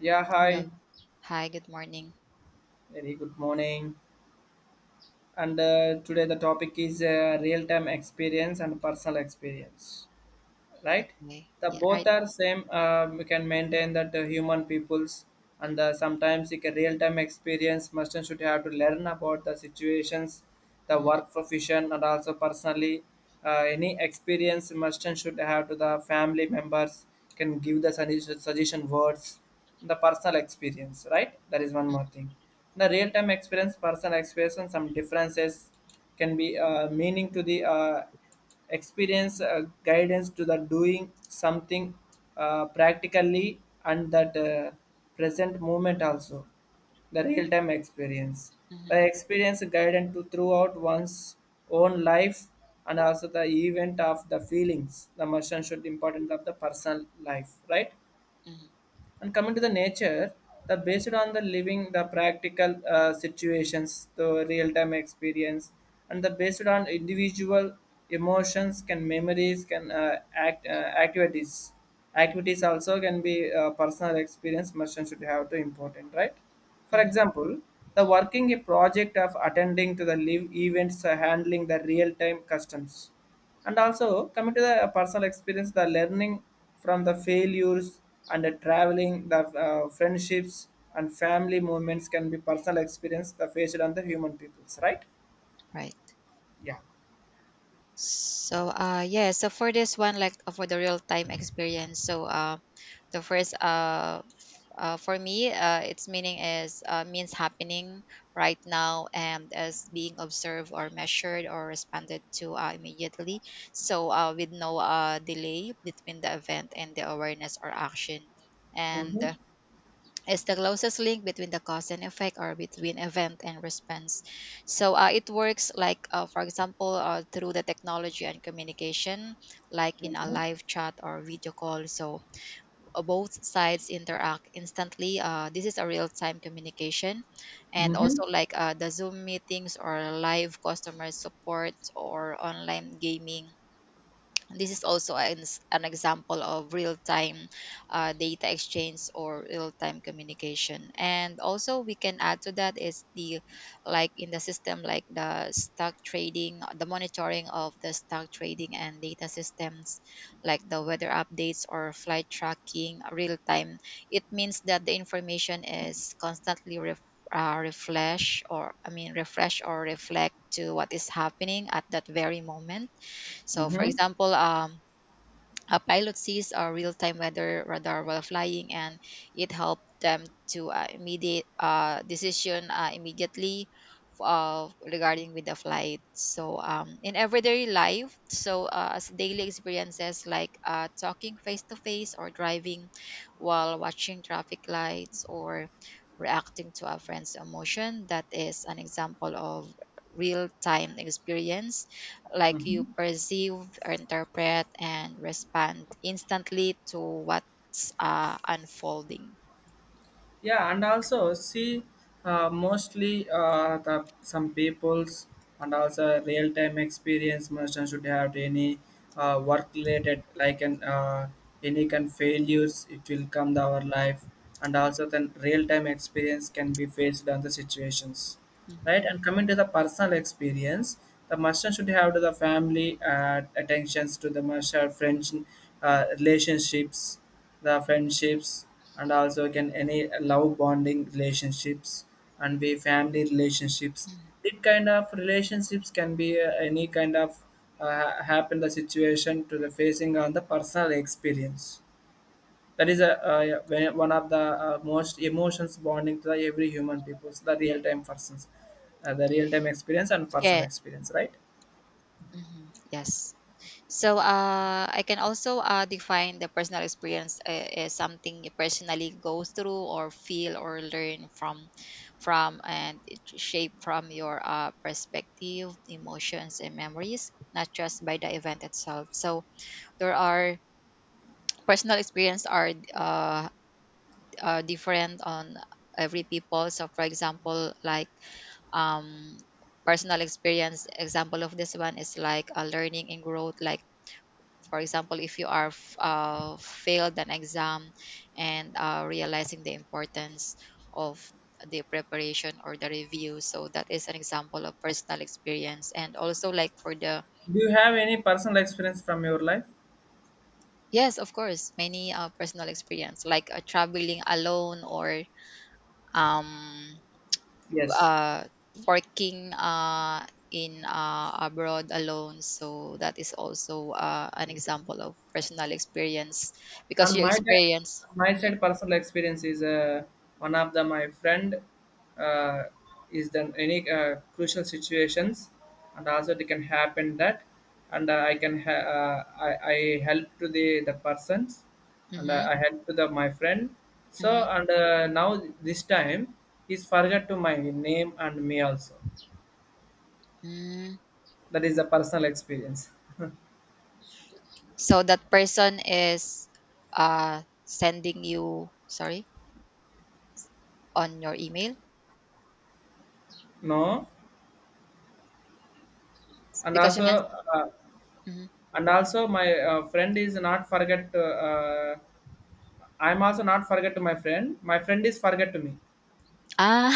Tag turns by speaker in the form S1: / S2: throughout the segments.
S1: Yeah, hi.
S2: Hello. Hi, good morning.
S1: Very good morning. And today the topic is real-time experience and personal experience. Right?
S2: Okay.
S1: The
S2: Yeah,
S1: both
S2: right.
S1: are same. We can maintain that human peoples and sometimes like a real time experience. Merchant should have to learn about the situations, the
S2: hmm
S1: work profession, and also personally any experience. Merchant should have to the family members can give the suggestion, suggestion words, the personal experience, right? That is one more thing. The real time experience, personal experience, some differences can be meaning to the experience guidance to the doing something practically and that present moment also, the real time experience, the
S2: hmm
S1: experience guidance to throughout one's own life, and also the event of the feelings, the emotion should important of the personal life, right?
S2: hmm
S1: And coming to the nature, the based on the living, the practical situations, the real time experience, and the based on individual emotions, can memories, can activities. Activities also can be personal experience. Merchant should have to important, right? For
S2: hmm
S1: example, the working a project of attending to the live events, handling the real time customs, and also coming to the personal experience, the learning from the failures and the traveling, the friendships and family movements can be personal experience, the faced on the human peoples, right?
S2: Right.
S1: Yeah.
S2: So, yeah, so for this one, for the real time experience, so, the first, for me, its meaning is, means happening right now and as being observed or measured or responded to, immediately. So, with no delay between the event and the awareness or action. And,
S1: Mm-hmm.
S2: It's the closest link between the cause and effect or between event and response. So it works like, for example, through the technology and communication, like in a
S1: Mm-hmm.
S2: live chat or video call. So both sides interact instantly. This is a real time communication. And
S1: Mm-hmm.
S2: also, the Zoom meetings or live customer support or online gaming, this is also an example of real-time data exchange or real-time communication. And also we can add to that is the like in the system, like the stock trading, the monitoring of the stock trading and data systems, like the weather updates or flight tracking real-time. It means that the information is constantly refresh or reflect to what is happening at that very moment. So, for
S1: Mm-hmm.
S2: example, a pilot sees a real-time weather radar while flying, and it helped them to immediately regarding with the flight. So, in everyday life, so as daily experiences talking face to face, or driving while watching traffic lights, or reacting to a friend's emotion. That is an example of real-time experience, like you perceive or interpret and respond instantly to what's unfolding.
S1: Yeah, and also see, mostly the some people's and also real time experience merchant should have any work related like an any kind failures, it will come to our life, and also then real time experience can be faced on the situations,
S2: Mhm.
S1: right? And coming to the personal experience, the merchant should have to the family, attentions to the merchant friends, relationships, the friendships, and also can any love bonding relationships and be family relationships.
S2: Mhm.
S1: It kind of relationships can be any kind of happen the situation to the facing on the personal experience. That is a, one of the most emotions bonding to the every human people, the real time persons, the real time experience and personal
S2: Yeah.
S1: experience, right?
S2: Mhm. Yes. So I can also define the personal experience as something you personally goes through or feel or learn from and it shape from your perspective, emotions, and memories, not just by the event itself. So there are personal experience are different on every people. So for example, like um personal experience example of this one is like a learning and growth. Like for example, if you are failed an exam and realizing the importance of the preparation or the review, so that is an example of personal experience. And also like for the
S1: Do you have any personal experience from your life?
S2: yes, of course, many personal experience like traveling alone or um
S1: Yes.
S2: uh, working in abroad alone. So that is also an example of personal experience because
S1: And
S2: you
S1: my ti-
S2: experience.
S1: my
S2: Hmm.
S1: side personal experience is one of the my friend uh, is then any crucial situations, and also it can happen that, and uh, I help to the persons, and
S2: Mm-hmm.
S1: I help to the my friend. So,
S2: Mm-hmm.
S1: and now this time he's forgot to my name and me also.
S2: Mm.
S1: That is a personal experience.
S2: So that person is sending you, sorry, on your email
S1: No, and
S2: because you meant.
S1: also uh,
S2: Mhm.
S1: and also my friend is not forget. I'm also not forget to my friend. My friend is forget to me.
S2: Ah,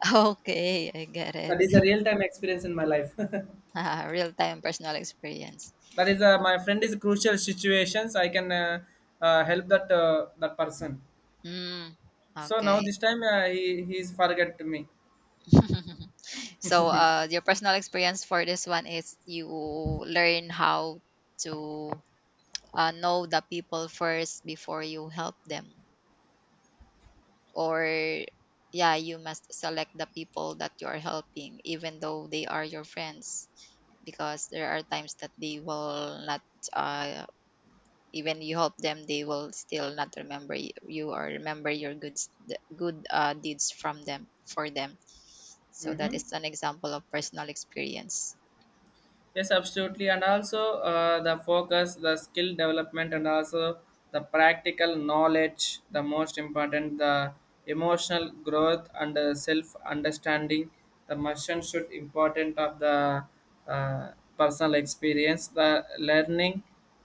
S2: okay, I get it.
S1: That is a real time experience in my life. That
S2: Real time personal experience.
S1: is a, my friend is crucial situations. I can help that person.
S2: Mm,
S1: So now
S2: okay.
S1: this time , he is forget to me.
S2: So, your personal experience for this one is you learn how to know the people first before you help them, or yeah, you must select the people that you are helping, even though they are your friends, because there are times that they will not. Uh, Even you help them, they will still not remember you, or remember your good the good deeds from them for them. So that
S1: Hmm.
S2: is an example of personal experience.
S1: Yes, absolutely. And also the focus, the skill development, and also the practical knowledge, the most important, the emotional growth and the self understanding. The mission should important of the uh, personal experience, the learning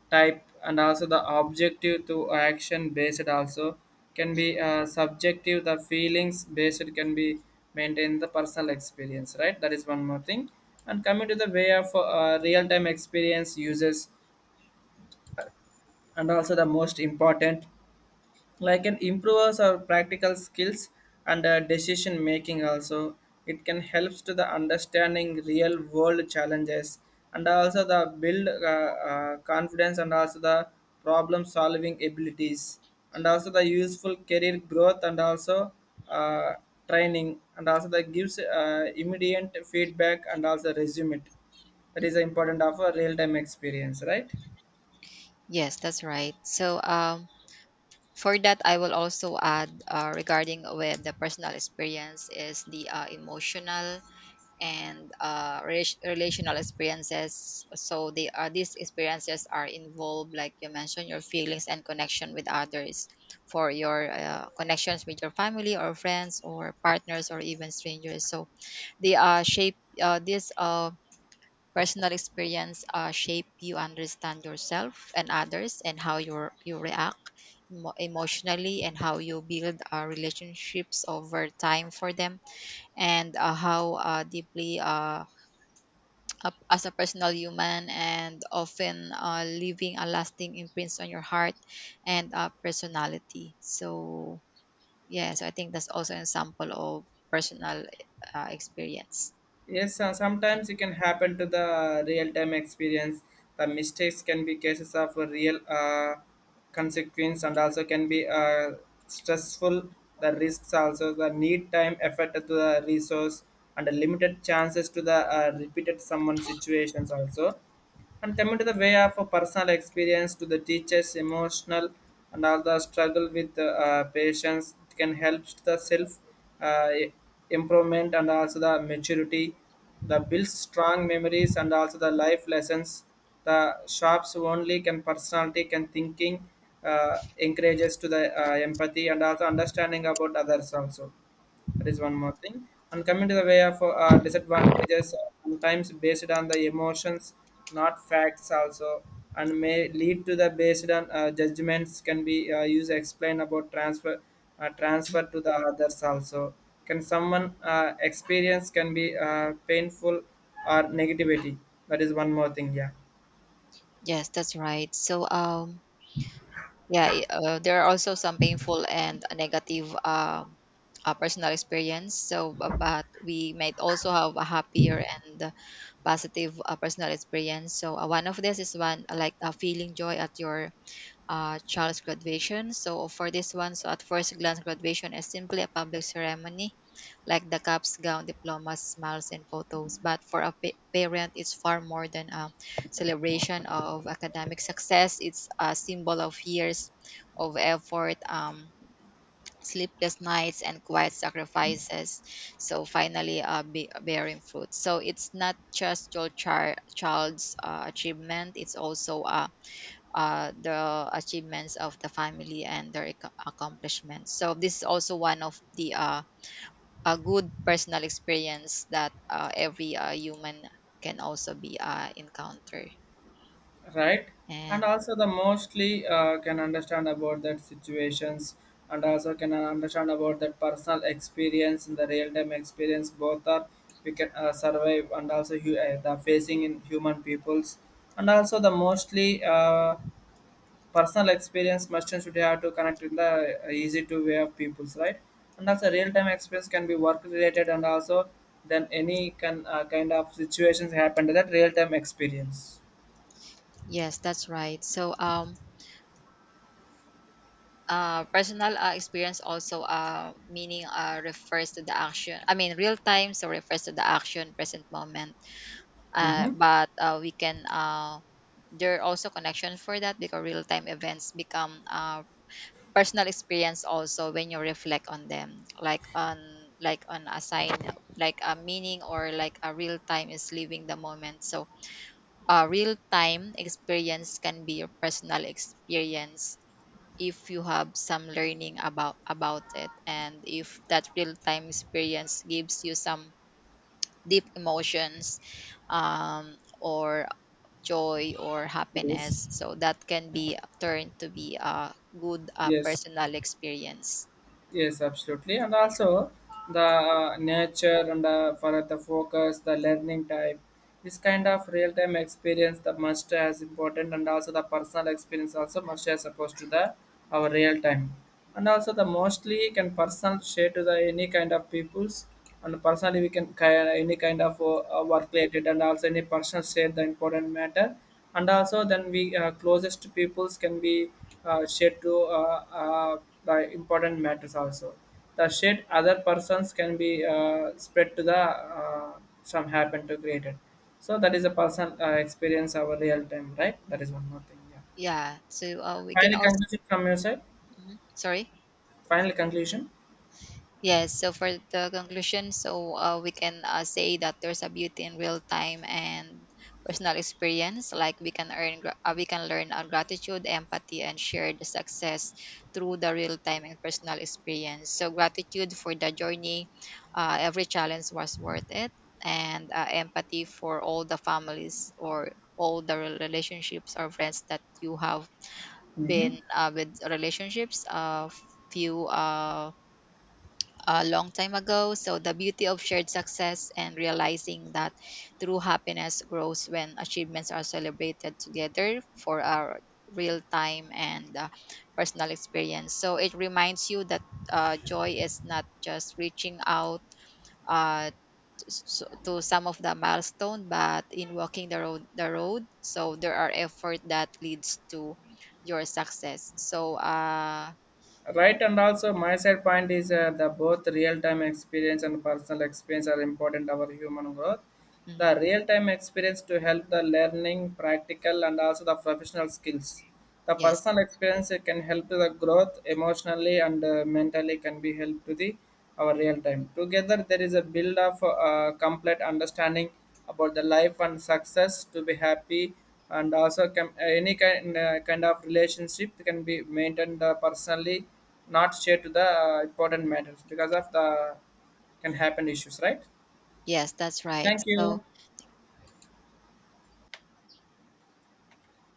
S1: type, and also the objective to action based also can be subjective the feelings based can be maintained the personal experience, right? That is one more thing. And coming to the way of real time experience uses, and also the most important, like it improves our practical skills and decision making also. It can helps to the understanding real world challenges, and also the build confidence, and also the problem solving abilities, and also the useful career growth, and also uh, training, and also that gives immediate feedback and also resume it. That is the important of a real time experience, right?
S2: Yes, that's right. So for that, I will also add regarding with the personal experience is the emotional and relational experiences. So they are, these experiences are involved, like you mentioned, your feelings and connection with others, for your connections with your family or friends or partners or even strangers. So they shape this. Personal experience shape you understand yourself and others and how you react emotionally, and how you build relationships over time for them, and how deeply as a personal human, and often leaving a lasting imprint on your heart and personality. So yeah, so I think that's also an example of personal experience.
S1: Yes, sometimes it can happen to the real-time experience. The mistakes can be cases of a real consequence, and also can be stressful. The risks also the need time, effort to the resource, and the limited chances to the repeated someone situations also. And coming to the way of a personal experience to the teachers emotional, and all the struggle with patients, it can help the self uh, improvement, and also the maturity, the builds strong memories, and also the life lessons, the shops only can personality can thinking, encourages to the empathy and also understanding about others also. That is one more thing. And coming to the way of disadvantages, sometimes based on the emotions, not facts also, and may lead to the based on judgments can be used to explain about transfer, transfer to the others also. Can someone experience can be painful or negativity? That is one more thing. Yeah.
S2: Yes, that's right. So yeah, there are also some painful and negative personal experience. So, but we might also have a happier and positive personal experience. So, one of this is one feeling joy at your child's graduation. So for this one, so at first glance, graduation is simply a public ceremony, like the cups, gown, diplomas, smiles, and photos. But for a parent, it's far more than a celebration of academic success. It's a symbol of years of effort. Sleepless nights and quiet sacrifices so finally bearing fruit, so it's not just your child's achievement, it's also a the achievements of the family and their accomplishments. So this is also one of the a good personal experience that every human can also be encounter.
S1: Right, and
S2: And
S1: also the mostly can understand about that situations, and also can understand about that personal experience and the real-time experience both are, we can survive, and also the facing in human peoples, and also the mostly personal experience merchants should have to connect in the easy to way of peoples, right? And also real-time experience can be work related, and also then any can kind of situations happen to that real-time experience.
S2: yes, that's right. So personal experience also meaning refers to the action. I mean, real time so refers to the action, present moment.
S1: Mm-hmm.
S2: But we can there are also connection for that because real time events become personal experience also when you reflect on them, like on a sign, like a meaning, or like a real time is living the moment. So a real time experience can be your personal experience if you have some learning about it, and if that real time experience gives you some deep emotions, um, or joy or
S1: Yes.
S2: happiness, so that can be turned to be a good
S1: Yes,
S2: personal experience.
S1: yes, absolutely. And also the nature and for the focus, the learning type, this kind of real-time experience, the must as important, and also the personal experience also must as opposed to the our real time. And also the mostly can personal share to the any kind of peoples, and personally we can any kind of work related, and also any personal share the important matter, and also then we closest peoples can be shared to uh, uh, the important matters also, the shared other persons can be spread to the uh, some happen to created. So that is a personal experience our real time, right? That is one more thing. Yeah.
S2: Yeah, so we can
S1: Final
S2: also.
S1: conclusion from your side.
S2: Mhm. Sorry.
S1: Final conclusion.
S2: Yes, so for the conclusion, so we can say that there's a beauty in real time and personal experience. Like we can we can learn gratitude, empathy, and shared success through the real time and personal experience. So gratitude for the journey, every challenge was worth it, and empathy for all the families or all the relationships or friends that you have
S1: Hmm.
S2: been with relationships. Few A long time ago. So, the beauty of shared success and realizing that true happiness grows when achievements are celebrated together for our real time and personal experience. So, it reminds you that joy is not just reaching out. Uh, to some of the milestone, but in walking the road, so there are effort that leads to your success. So
S1: Right, and also my side point is the both real-time experience and personal experience are important our human growth. The
S2: mhm,
S1: real-time experience to help the learning practical and also the professional skills. The
S2: yes,
S1: personal experience, it can help to the growth emotionally and mentally, can be helped to the our real time. Together there is a build of complete understanding about the life and success to be happy, and also can, any kind kind of relationship can be maintained personally, not shared to the important matters because of the can happen issues, right?
S2: yes, that's right,
S1: Thank you.
S2: so